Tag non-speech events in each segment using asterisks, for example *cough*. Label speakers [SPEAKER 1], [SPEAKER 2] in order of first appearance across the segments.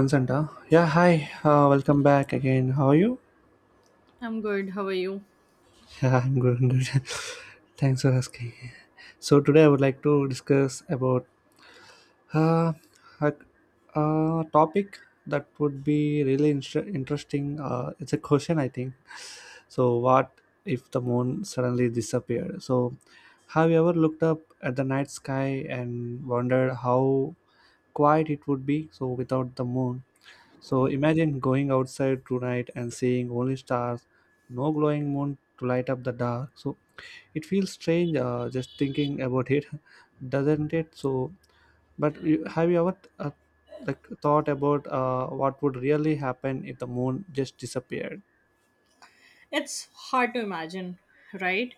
[SPEAKER 1] Consent, huh? Yeah, hi. Welcome back again. How are you?
[SPEAKER 2] I'm good. How are you?
[SPEAKER 1] *laughs* Yeah, I'm good. I'm good. *laughs* Thanks for asking. So today I would like to discuss about uh, a, a topic that would be really interesting. It's a question, I think. So what if the moon suddenly disappeared? So have you ever looked up at the night sky and wondered how quiet it would be? So without the moon, so imagine going outside tonight and seeing only stars, no glowing moon to light up the dark. So it feels strange, just thinking about it, *laughs* doesn't it? But you, have you ever like thought about what would really happen if the moon just disappeared?
[SPEAKER 2] It's hard to imagine, right?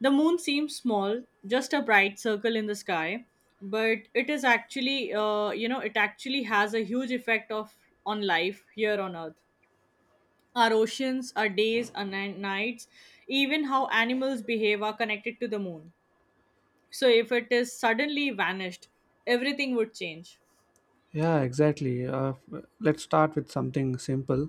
[SPEAKER 2] The moon seems small, just a bright circle in the sky, but it is actually, it actually has a huge effect of on life here on Earth. Our oceans, our days, our nights, even how animals behave are connected to the moon. So if it is suddenly vanished, everything would change.
[SPEAKER 1] Yeah, exactly. Let's start with something simple.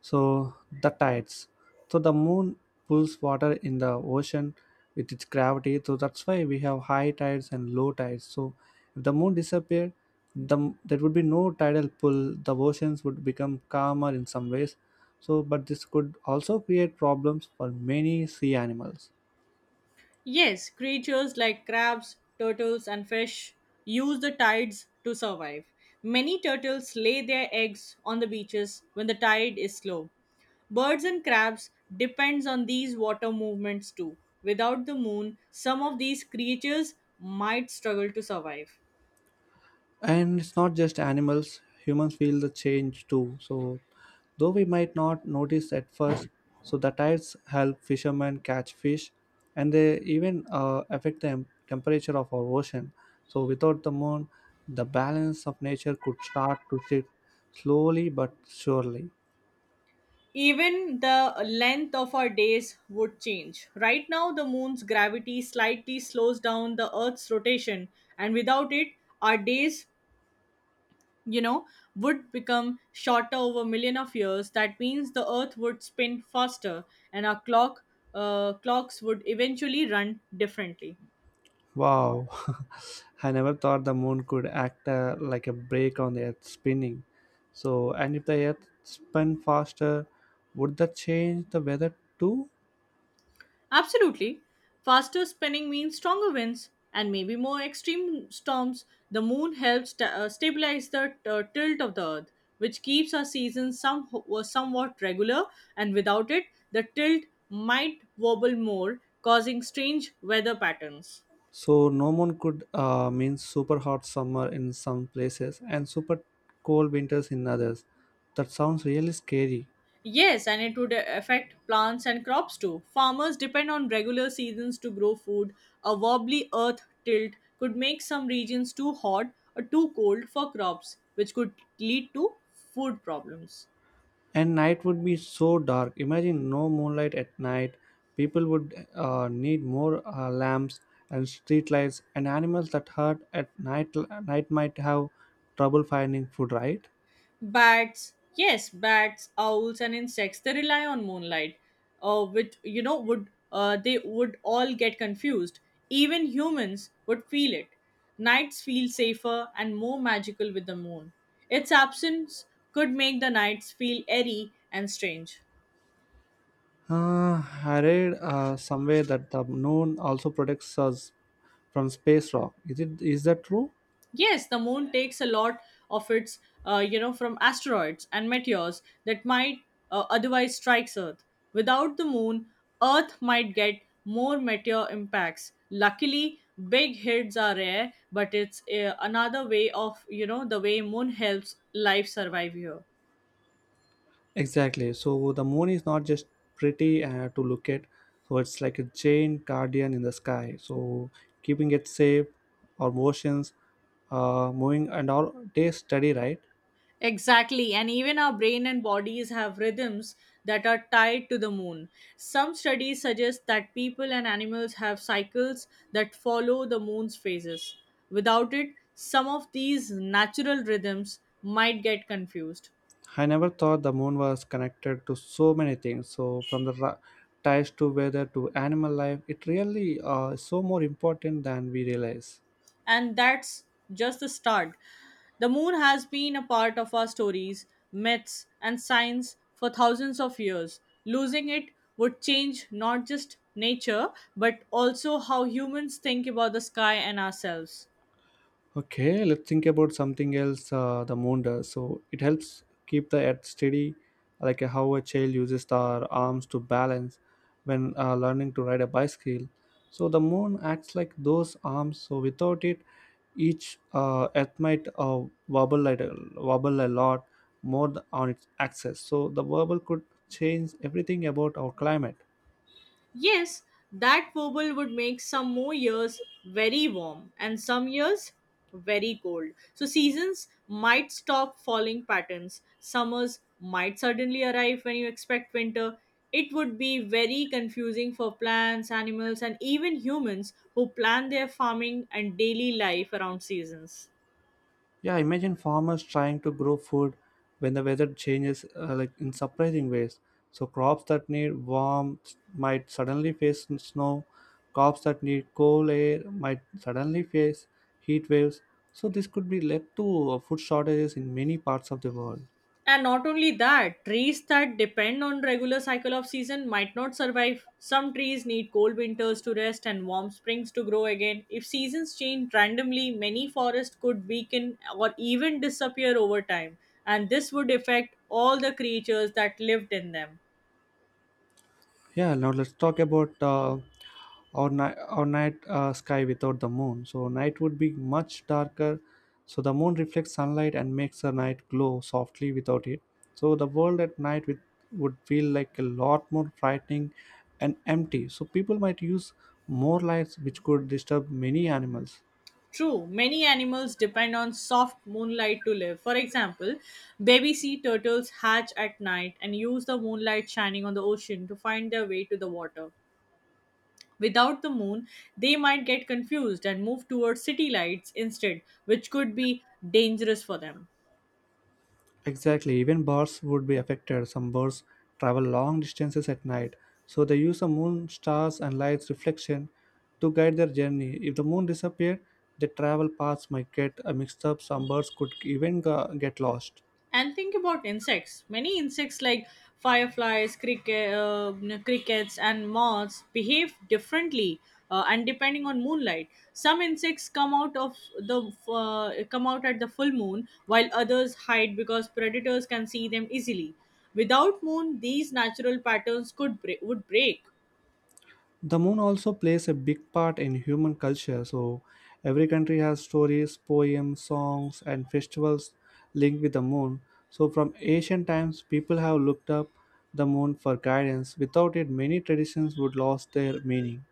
[SPEAKER 1] So, the tides. So, the moon pulls water in the ocean with its gravity. So that's why we have high tides and low tides. So if the moon disappeared, there would be no tidal pull. The oceans would become calmer in some ways. So, but this could also create problems for many sea animals.
[SPEAKER 2] Yes, creatures like crabs, turtles, and fish use the tides to survive. Many turtles lay their eggs on the beaches when the tide is low. Birds and crabs depends on these water movements too. Without the moon, some of these creatures might struggle to survive.
[SPEAKER 1] And it's not just animals, humans feel the change too. So, though we might not notice at first, so the tides help fishermen catch fish, and they even affect the temperature of our ocean. So without the moon, the balance of nature could start to shift slowly but surely.
[SPEAKER 2] Even the length of our days would change. Right now, the moon's gravity slightly slows down the Earth's rotation, and without it, our days you know, would become shorter over a million of years. That means the Earth would spin faster, and our clocks would eventually run differently.
[SPEAKER 1] Wow, *laughs* I never thought the moon could act like a brake on the earth spinning. So, and if the earth spun faster, would that change the weather too?
[SPEAKER 2] Absolutely, faster spinning means stronger winds and maybe more extreme storms. The Moon helps stabilize the tilt of the Earth, which keeps our seasons somewhat regular. And without it, the tilt might wobble more, causing strange weather patterns.
[SPEAKER 1] So no moon could mean super hot summer in some places and super cold winters in others. That sounds really scary.
[SPEAKER 2] Yes, and it would affect plants and crops too. Farmers depend on regular seasons to grow food. A wobbly earth tilt could make some regions too hot or too cold for crops, which could lead to food problems.
[SPEAKER 1] And night would be so dark. Imagine no moonlight at night. People would need more lamps and street lights, and animals that hurt at night night might have trouble finding food, right?
[SPEAKER 2] Bats, yes, bats, owls, and insects, they rely on moonlight, which, you know, would they would all get confused. Even humans would feel it. Nights feel safer and more magical with the moon. Its absence could make the nights feel airy and strange.
[SPEAKER 1] uh, I read somewhere that the moon also protects us from space rock. Is that true?
[SPEAKER 2] Yes, the moon takes a lot of its, from asteroids and meteors that might otherwise strike Earth. Without the moon, Earth might get more meteor impacts. Luckily, big hits are rare, but it's another way of, the way moon helps life survive here.
[SPEAKER 1] Exactly. So the moon is not just pretty to look at. So it's like a giant guardian in the sky, so keeping it safe, our motions, moving and all day study, right?
[SPEAKER 2] Exactly, and even our brain and bodies have rhythms that are tied to the moon. Some studies suggest that people and animals have cycles that follow the moon's phases. Without it, some of these natural rhythms might get confused.
[SPEAKER 1] I never thought the moon was connected to so many things. So from the ties to weather to animal life, it really is so more important than we realize.
[SPEAKER 2] And that's just the start. The moon has been a part of our stories, myths, and science for thousands of years. Losing it would change not just nature, but also how humans think about the sky and ourselves.
[SPEAKER 1] Okay, let's think about something else. The moon does, so it helps keep the earth steady, like how a child uses their arms to balance when learning to ride a bicycle. So the moon acts like those arms. So without it, each earth might wobble like a, wobble a lot more on its axis. So the wobble could change everything about our climate.
[SPEAKER 2] Yes, that wobble would make some more years very warm and some years very cold. So seasons might stop following patterns. Summers might suddenly arrive when you expect winter. It would be very confusing for plants, animals, and even humans who plan their farming and daily life around seasons.
[SPEAKER 1] Yeah, imagine farmers trying to grow food when the weather changes like in surprising ways. So crops that need warmth might suddenly face snow. Crops that need cool air might suddenly face heat waves. So this could be led to food shortages in many parts of the world.
[SPEAKER 2] And not only that, trees that depend on regular cycle of season might not survive. Some trees need cold winters to rest and warm springs to grow again. If seasons change randomly, many forests could weaken or even disappear over time, and this would affect all the creatures that lived in them.
[SPEAKER 1] Yeah, now let's talk about our night sky without the moon. So night would be much darker. So the moon reflects sunlight and makes the night glow softly without it. So the world at night would feel like a lot more frightening and empty. So people might use more lights, which could disturb many animals.
[SPEAKER 2] True, many animals depend on soft moonlight to live. For example, baby sea turtles hatch at night and use the moonlight shining on the ocean to find their way to the water. Without the moon, they might get confused and move towards city lights instead, which could be dangerous for them.
[SPEAKER 1] Exactly, even birds would be affected. Some birds travel long distances at night, so they use the moon, stars, and light's reflection to guide their journey. If the moon disappeared, their travel paths might get mixed up. Some birds could even get lost.
[SPEAKER 2] And think about insects. Many insects, like fireflies, crickets, and moths, behave differently. And depending on moonlight, some insects come out at the full moon, while others hide because predators can see them easily. Without moon, these natural patterns would break.
[SPEAKER 1] The moon also plays a big part in human culture. So every country has stories, poems, songs, and festivals linked with the moon. So from ancient times, people have looked up the moon for guidance. Without it, many traditions would lose their meaning.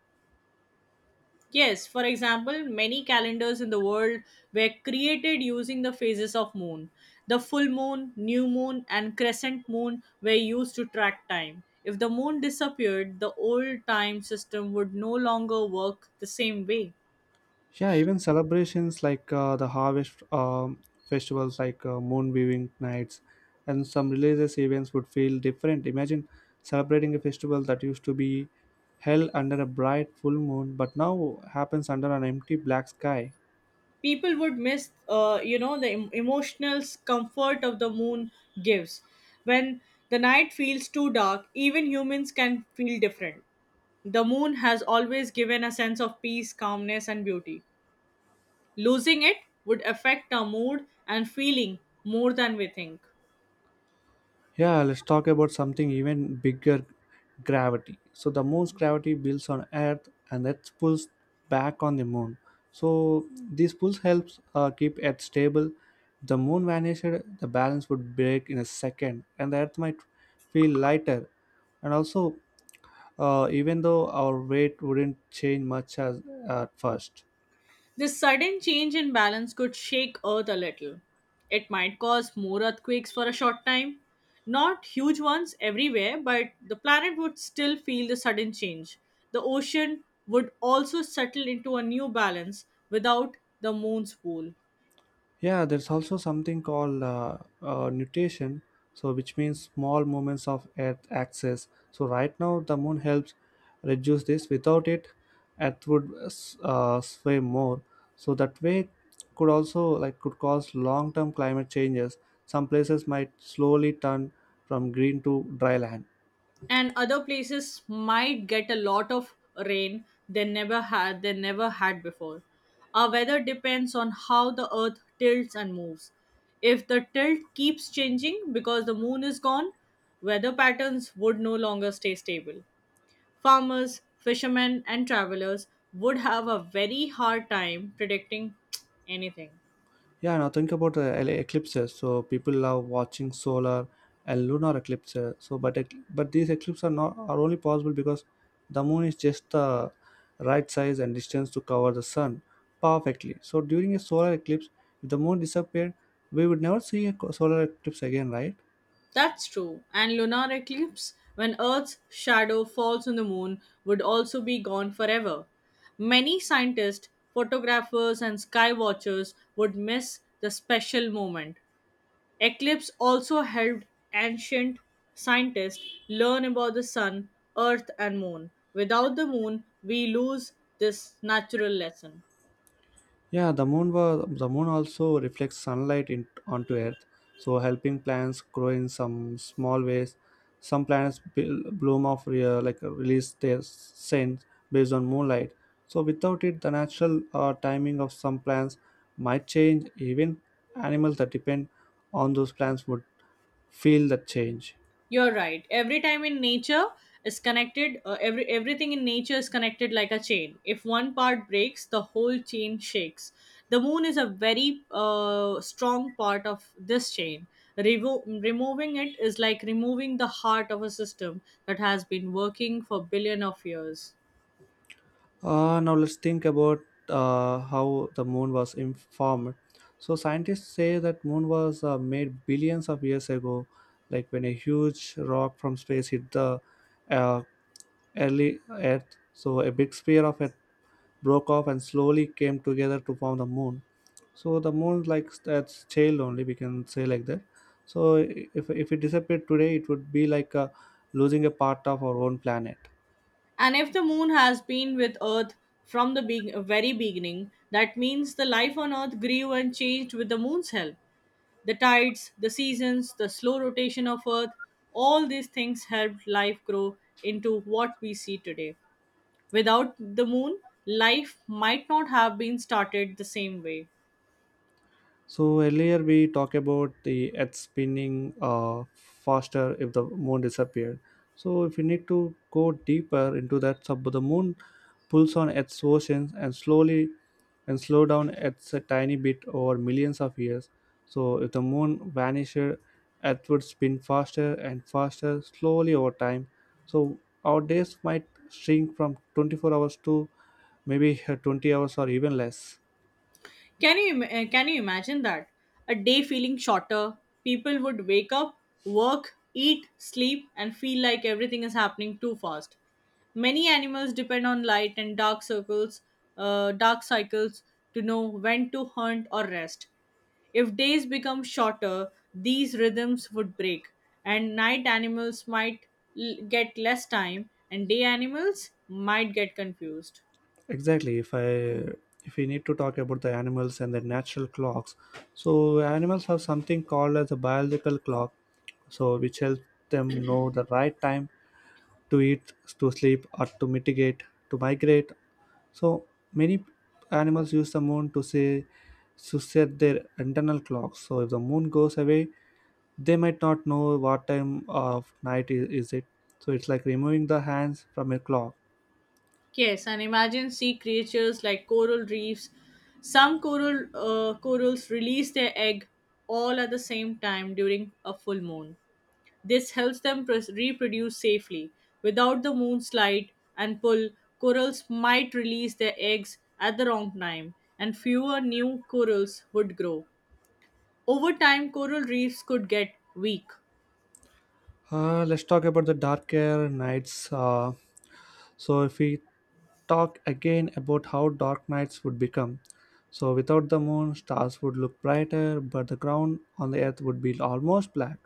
[SPEAKER 2] Yes, for example, many calendars in the world were created using the phases of moon. The full moon, new moon, and crescent moon were used to track time. If the moon disappeared, the old time system would no longer work the same way.
[SPEAKER 1] Yeah, even celebrations like the harvest, festivals like moon viewing nights and some religious events would feel different. Imagine celebrating a festival that used to be held under a bright full moon, but now happens under an empty black sky.
[SPEAKER 2] People would miss, the emotional comfort of the moon gives. When the night feels too dark, even humans can feel different. The moon has always given a sense of peace, calmness, and beauty. Losing it would affect our mood and feeling more than we think.
[SPEAKER 1] Yeah, let's talk about something even bigger: gravity. So the moon's gravity builds on Earth, and Earth pulls back on the moon. So this pulls helps keep Earth stable. The moon vanished, the balance would break in a second, and the Earth might feel lighter. And also, even though our weight wouldn't change much as at first.
[SPEAKER 2] This sudden change in balance could shake Earth a little. It might cause more earthquakes for a short time. Not huge ones everywhere, but the planet would still feel the sudden change. The ocean would also settle into a new balance without the moon's pull.
[SPEAKER 1] Yeah, there's also something called nutation, so which means small movements of Earth axis. So right now, the moon helps reduce this. Without it, Earth would sway more. So that way could also like could cause long-term climate changes. Some places might slowly turn from green to dry land.
[SPEAKER 2] And other places might get a lot of rain they never had, before. Our weather depends on how the earth tilts and moves. If the tilt keeps changing because the moon is gone, weather patterns would no longer stay stable. Farmers, fishermen, and travelers would have a very hard time predicting anything.
[SPEAKER 1] Yeah, now think about the eclipses. So people love watching solar and lunar eclipses. So, but but these eclipses are not are only possible because the moon is just the right size and distance to cover the sun perfectly. So during a solar eclipse, if the moon disappeared, we would never see a solar eclipse again, right?
[SPEAKER 2] That's true. And lunar eclipse, when Earth's shadow falls on the moon, would also be gone forever. Many scientists, photographers, and sky watchers would miss the special moment. Eclipse also helped ancient scientists learn about the sun, earth, and moon. Without the moon, we lose this natural lesson.
[SPEAKER 1] Yeah, the moon also reflects sunlight onto Earth, so helping plants grow in some small ways. Some plants bloom of like release their scent based on moonlight. So without it, the natural timing of some plants might change. Even animals that depend on those plants would feel the change.
[SPEAKER 2] You're right. Everything in nature is connected like a chain. If one part breaks, the whole chain shakes. The moon is a very strong part of this chain. Removing it is like removing the heart of a system that has been working for billion of years.
[SPEAKER 1] Now let's think about how the moon was formed. So scientists say that moon was made billions of years ago, like when a huge rock from space hit the uh, early Earth. So a big sphere of it broke off and slowly came together to form the moon. So the moon, like that's tail only, we can say like that. So if it disappeared today, it would be like losing a part of our own planet.
[SPEAKER 2] And if the moon has been with Earth from the very beginning, that means the life on Earth grew and changed with the moon's help. The tides, the seasons, the slow rotation of Earth, all these things helped life grow into what we see today. Without the moon, life might not have been started the same way.
[SPEAKER 1] So earlier we talked about the Earth spinning faster if the moon disappeared. So if we need to go deeper into that, so the moon pulls on Earth's oceans and slow down Earth's a tiny bit over millions of years. So if the moon vanished, Earth would spin faster and faster slowly over time. So our days might shrink from 24 hours to maybe 20 hours or even less.
[SPEAKER 2] Can you imagine that? A day feeling shorter. People would wake up, work, eat, sleep and feel like everything is happening too fast. Many animals depend on light and dark cycles to know when to hunt or rest. If days become shorter, these rhythms would break, and night animals might get less time, and day animals might get confused.
[SPEAKER 1] Exactly. If we need to talk about the animals and their natural clocks, so animals have something called as a biological clock, so which helps them know the right time to eat, to sleep, or to mitigate to migrate. So many animals use the moon to say to set their internal clocks. So if the moon goes away, they might not know what time of night is it. So it's like removing the hands from a clock.
[SPEAKER 2] Yes, and imagine sea creatures like coral reefs. Some corals release their egg all at the same time during a full moon. This helps them reproduce safely. Without the moon's light and pull, corals might release their eggs at the wrong time, and fewer new corals would grow. Over time, coral reefs could get weak.
[SPEAKER 1] Let's talk about the darker nights. So if we talk again about how dark nights would become, so without the moon, stars would look brighter, but the ground on the earth would be almost black.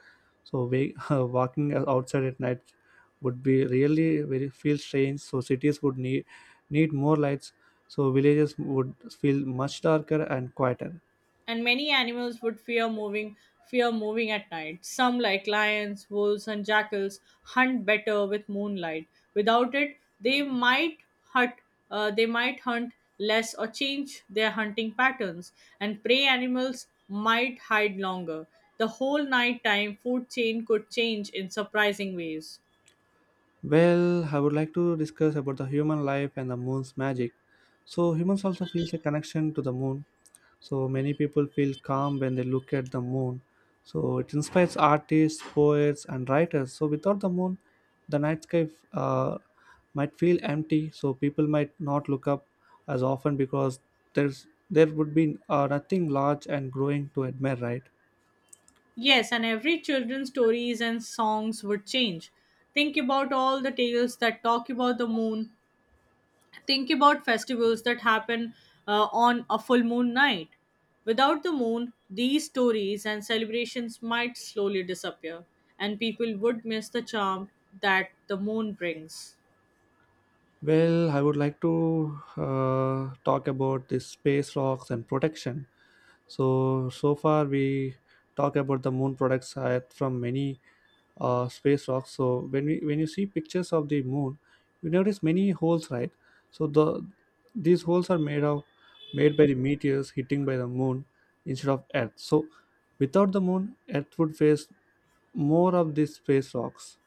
[SPEAKER 1] So, *laughs* walking outside at night would be really very feel strange. So cities would need more lights. So villages would feel much darker and quieter.
[SPEAKER 2] And many animals would fear moving at night. Some, like lions, wolves, and jackals, hunt better with moonlight. Without it, hunt they might hunt less or change their hunting patterns, and prey animals might hide longer. The whole nighttime food chain could change in surprising ways.
[SPEAKER 1] Well, I would like to discuss about the human life and the moon's magic. So humans also feels a connection to the moon. So many people feel calm when they look at the moon. So it inspires artists, poets, and writers. So without the moon, the night sky might feel empty. So people might not look up as often because there would be nothing large and growing to admire, right?
[SPEAKER 2] Yes, and every children's stories and songs would change. Think about all the tales that talk about the moon. Think about festivals that happen on a full moon night. Without the moon, these stories and celebrations might slowly disappear, and people would miss the charm that the moon brings.
[SPEAKER 1] Well, I would like to talk about this space rocks and protection. So so far we talk about the moon products from many space rocks. So when you see pictures of the moon, you notice many holes, right? So these holes are made by the meteors hitting by the moon instead of Earth. So without the moon, Earth would face more of these space rocks.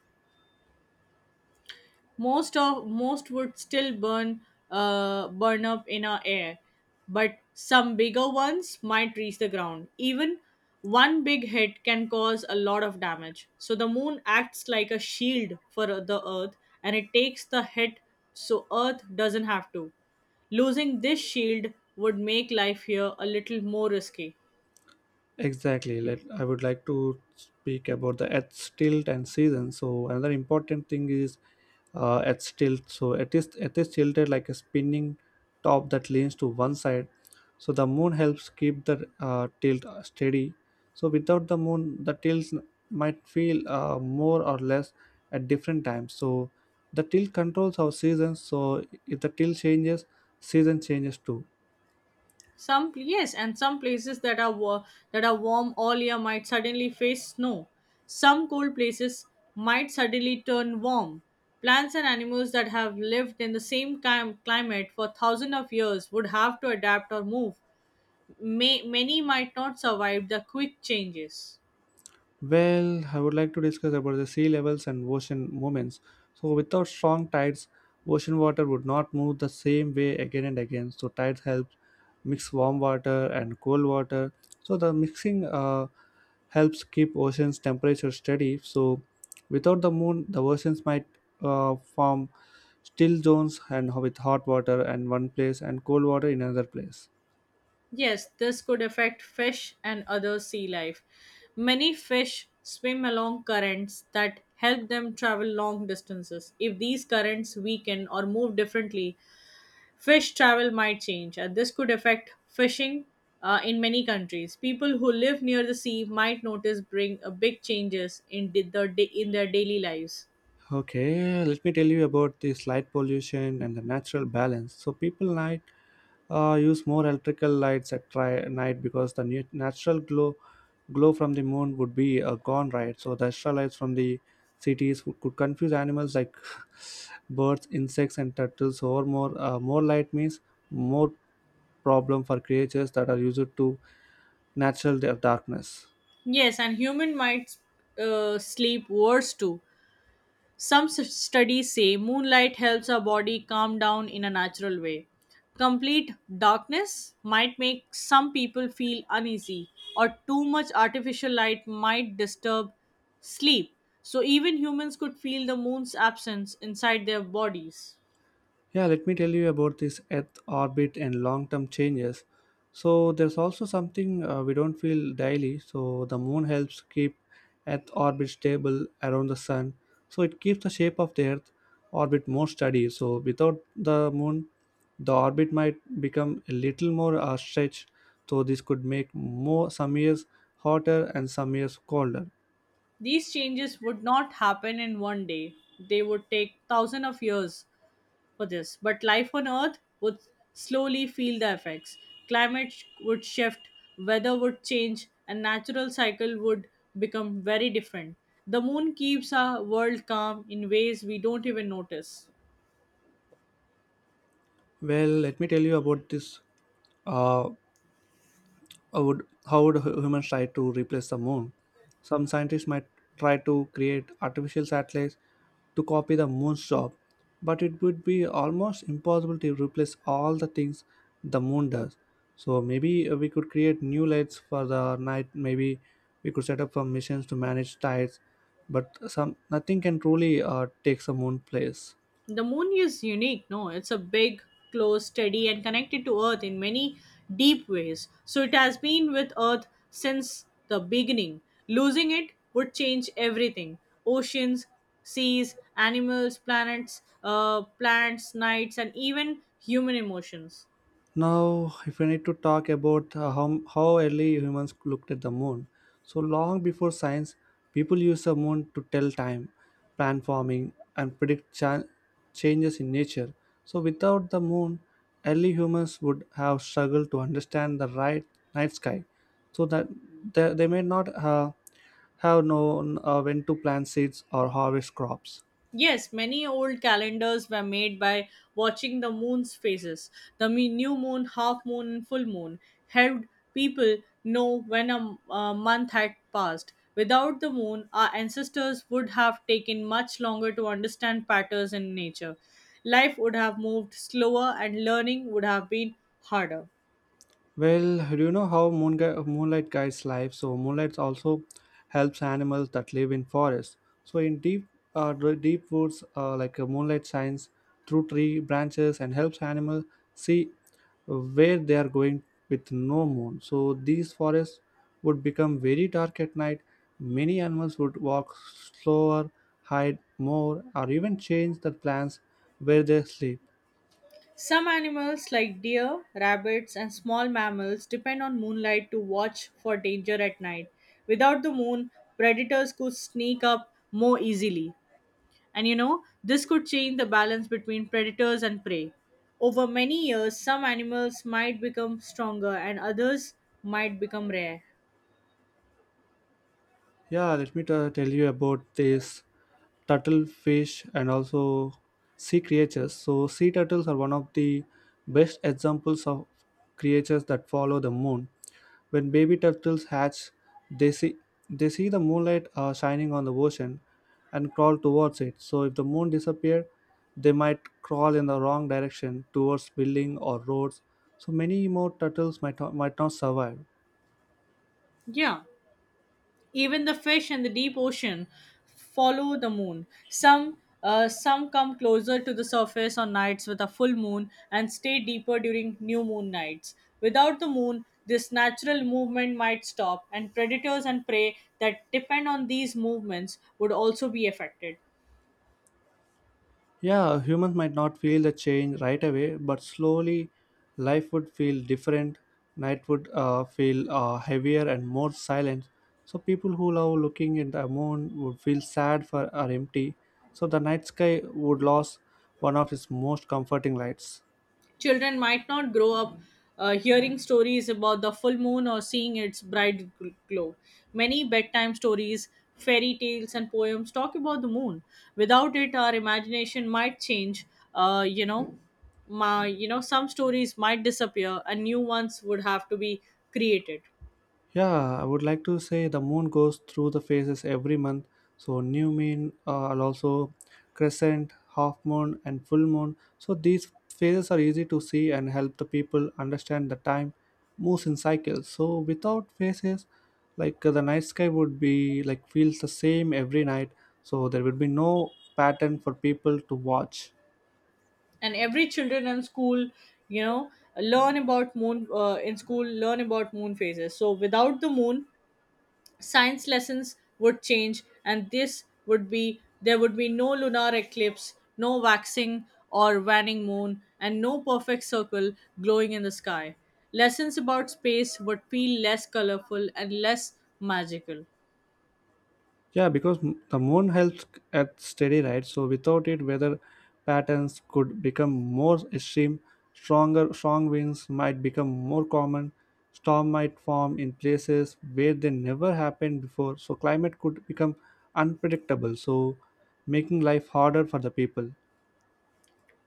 [SPEAKER 2] Most would still burn up in our air, but some bigger ones might reach the ground. Even one big hit can cause a lot of damage. So the moon acts like a shield for the earth, and it takes the hit so earth doesn't have to. Losing this shield would make life here a little more risky.
[SPEAKER 1] Exactly. Let I would like to speak about the Earth's tilt and season. So another important thing is Earth's tilt. So it is tilted like a spinning top that leans to one side. So the moon helps keep the tilt steady. So without the moon, the tilt might feel more or less at different times. So the tilt controls our seasons. So if the tilt changes, season changes too.
[SPEAKER 2] Some, yes, and some places that are warm all year might suddenly face snow. Some cold places might suddenly turn warm. Plants and animals that have lived in the same climate for thousands of years would have to adapt or move. Many might not survive the quick changes.
[SPEAKER 1] Well, I would like to discuss about the sea levels and ocean movements. So without strong tides, ocean water would not move the same way again and again. So, tides help mix warm water and cold water. So, the mixing helps keep ocean's temperature steady. So, without the moon, the oceans might form still zones and with hot water in one place and cold water in another place.
[SPEAKER 2] Yes, this could affect fish and other sea life. Many fish swim along currents that help them travel long distances. If these currents weaken or move differently, fish travel might change, and this could affect fishing in many countries. People who live near the sea might notice bring big changes in their daily lives.
[SPEAKER 1] Okay, let me tell you about this light pollution and the natural balance. So people night use more electrical lights at night because the natural glow from the moon would be gone, right? So the extra lights from the cities could confuse animals like *laughs* birds, insects, and turtles. Or more light means more problem for creatures that are used to natural darkness.
[SPEAKER 2] Yes, and human might sleep worse too. Some studies say moonlight helps our body calm down in a natural way. Complete darkness might make some people feel uneasy, or too much artificial light might disturb sleep. So, even humans could feel the moon's absence inside their bodies.
[SPEAKER 1] Yeah, let me tell you about this Earth orbit and long term changes. So, there's also something we don't feel daily. So, the moon helps keep Earth orbit stable around the sun. So, it keeps the shape of the Earth orbit more steady. So, without the moon, the orbit might become a little more stretched. So, this could make more some years hotter and some years colder.
[SPEAKER 2] These changes would not happen in one day. They would take thousands of years for this, but life on Earth would slowly feel the effects. Climate would shift, weather would change, and natural cycle would become very different. The moon keeps our world calm in ways we don't even notice.
[SPEAKER 1] Well, let me tell you about this. Uh, how would humans try to replace the moon? Some scientists might try to create artificial satellites to copy the moon's job, but it would be almost impossible to replace all the things the moon does. So maybe we could create new lights for the night. Maybe we could set up some missions to manage tides, but some nothing can truly take the moon place.
[SPEAKER 2] The moon is unique, no? It's a big, close, steady, and connected to Earth in many deep ways. So it has been with Earth since the beginning. Losing it would change everything: oceans, seas, animals, planets, plants, nights, and even human emotions.
[SPEAKER 1] Now, if I need to talk about how early humans looked at the moon, so long before science, people used the moon to tell time, plan farming, and predict changes in nature. So, without the moon, early humans would have struggled to understand the right night sky. So that they may not have known when to plant seeds or harvest crops.
[SPEAKER 2] Yes, many old calendars were made by watching the moon's phases. The new moon, half moon, and full moon helped people know when a month had passed. Without the moon, our ancestors would have taken much longer to understand patterns in nature. Life would have moved slower and learning would have been harder.
[SPEAKER 1] Well, do you know how moon moonlight guides life? So moonlight also helps animals that live in forests. So in deep, deep woods, moonlight shines through tree branches and helps animals see where they are going with no moon. So these forests would become very dark at night. Many animals would walk slower, hide more, or even change their plans where they sleep.
[SPEAKER 2] Some animals, like deer, rabbits, and small mammals, depend on moonlight to watch for danger at night. Without the moon, predators could sneak up more easily. And you know, this could change the balance between predators and prey. Over many years, some animals might become stronger and others might become rare.
[SPEAKER 1] Yeah, let me tell you about this turtle fish and also sea creatures. So sea turtles are one of the best examples of creatures that follow the moon. When baby turtles hatch, they see they see the moonlight shining on the ocean and crawl towards it. So if the moon disappeared, they might crawl in the wrong direction towards building or roads. So many more turtles might not survive.
[SPEAKER 2] Yeah. Even the fish in the deep ocean follow the moon. Some come closer to the surface on nights with a full moon and stay deeper during new moon nights. Without the moon, this natural movement might stop, and predators and prey that depend on these movements would also be affected.
[SPEAKER 1] Yeah, humans might not feel the change right away, but slowly life would feel different. Night would feel heavier and more silent. So people who love looking at the moon would feel sad for or empty. So the night sky would lose one of its most comforting lights.
[SPEAKER 2] Children might not grow up hearing stories about the full moon or seeing its bright glow. Many bedtime stories, fairy tales, and poems talk about the moon. Without it, our imagination might change. Uh, you know, some stories might disappear, and new ones would have to be created.
[SPEAKER 1] Yeah, I would like to say the moon goes through the phases every month. So new moon, and also crescent, half moon, and full moon. So these phases are easy to see and help the people understand the time moves in cycles. So without phases, the night sky would be like feels the same every night. So there would be no pattern for people to watch.
[SPEAKER 2] And every children in school, you know, learn about moon in school, learn about moon phases. So without the moon, science lessons would change, and this would be there would be no lunar eclipse, no waxing or waning moon, and no perfect circle glowing in the sky. Lessons about space would feel less colorful and less magical.
[SPEAKER 1] Yeah, because the moon helps at steady, right? So without it, weather patterns could become more extreme. Strong winds might become more common. Storm might form in places where they never happened before. So climate could become unpredictable. So making life harder for the people.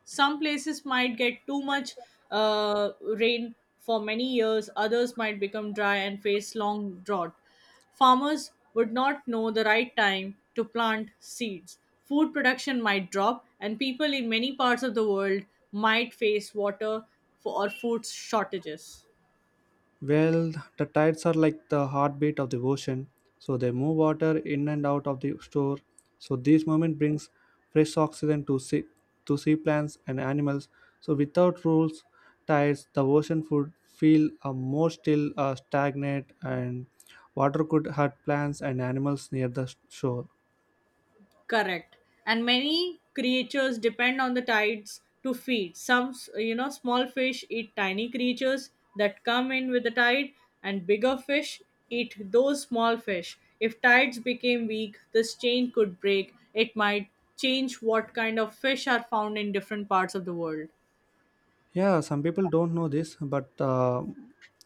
[SPEAKER 2] Some places might get too much rain for many years, others might become dry and face long drought. Farmers would not know the right time to plant seeds, food production might drop, and people in many parts of the world might face water for, or food shortages.
[SPEAKER 1] Well, the tides are like the heartbeat of the ocean, so they move water in and out of the shore. So this movement brings fresh oxygen to sea plants and animals. So without rules, tides, the ocean would feel stagnant, and water could hurt plants and animals near the shore.
[SPEAKER 2] Correct. And many creatures depend on the tides to feed. Some, you know, small fish eat tiny creatures that come in with the tide, and bigger fish eat those small fish. If tides became weak, this chain could break. It might change what kind of fish are found in different parts of the world.
[SPEAKER 1] Yeah, some people don't know this, but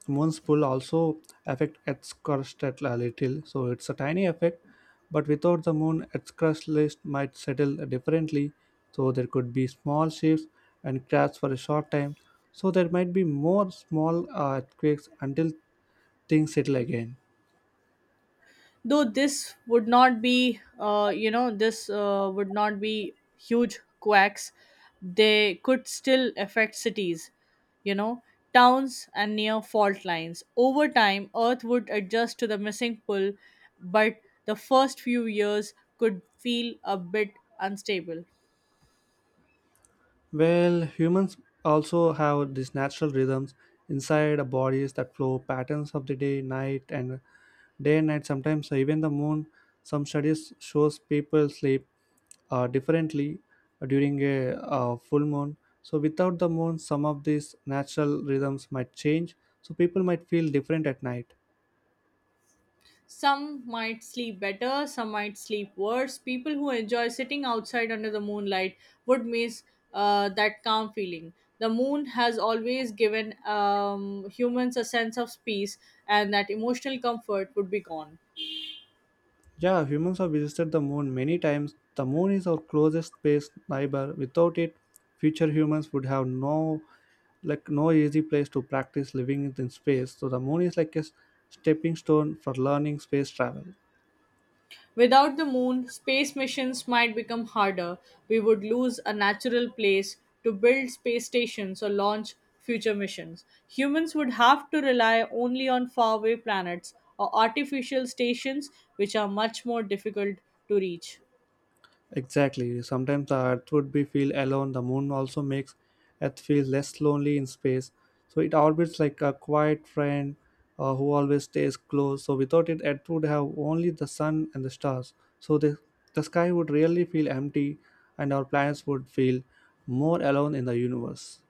[SPEAKER 1] moon's pull also affect Earth's crust at a little. So it's a tiny effect, but without the moon, Earth's crust list might settle differently. So there could be small shifts and cracks for a short time. So there might be more small earthquakes until things settle again.
[SPEAKER 2] Though this would not be you know this would not be huge quacks, they could still affect cities, you know, towns, and near fault lines. Over time, earth would adjust to the missing pull, but the first few years could feel a bit unstable.
[SPEAKER 1] Well, humans also have these natural rhythms inside our bodies that flow patterns of the day, night, and day and night. Sometimes so even the moon. Some studies shows people sleep differently during a full moon. So without the moon, some of these natural rhythms might change. So people might feel different at night.
[SPEAKER 2] Some might sleep better, some might sleep worse. People who enjoy sitting outside under the moonlight would miss that calm feeling. The moon has always given humans a sense of peace, and that emotional comfort would be gone.
[SPEAKER 1] Yeah, humans have visited the moon many times. The moon is our closest space neighbor. Without it, future humans would have no easy place to practice living in space. So the moon is like a stepping stone for learning space travel.
[SPEAKER 2] Without the moon, space missions might become harder. We would lose a natural place to build space stations or launch future missions. Humans would have to rely only on faraway planets or artificial stations, which are much more difficult to reach.
[SPEAKER 1] Exactly. Sometimes the Earth would be feel alone. The moon also makes Earth feel less lonely in space. So it orbits like a quiet friend who always stays close. So without it, Earth would have only the sun and the stars. So the sky would really feel empty, and our planets would feel more alone in the universe.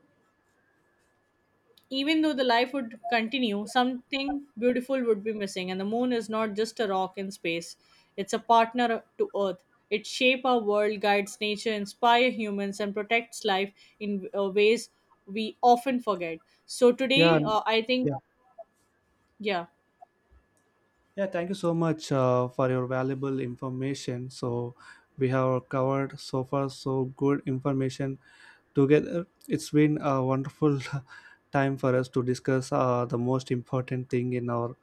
[SPEAKER 2] Even though the life would continue, something beautiful would be missing. And the moon is not just a rock in space, it's a partner to Earth. It shapes our world, guides nature, inspires humans, and protects life in ways we often forget. So,
[SPEAKER 1] Yeah,
[SPEAKER 2] today,
[SPEAKER 1] n-
[SPEAKER 2] I think,
[SPEAKER 1] yeah,
[SPEAKER 2] yeah.
[SPEAKER 1] yeah. Thank you so much for your valuable information. So we have covered so far so good information together. It's been a wonderful *laughs* time for us to discuss the most important thing in our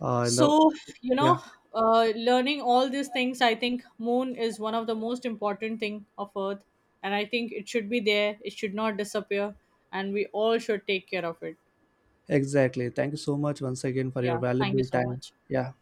[SPEAKER 1] in the
[SPEAKER 2] So, you
[SPEAKER 1] yeah
[SPEAKER 2] know, learning all these things, I think moon is one of the most important thing of Earth. And I think it should be there, it should not disappear, and we all should take care of it.
[SPEAKER 1] exactly. Thank you so much once again for your
[SPEAKER 2] Yeah, thank you
[SPEAKER 1] valuable
[SPEAKER 2] so
[SPEAKER 1] time.
[SPEAKER 2] much.
[SPEAKER 1] Yeah.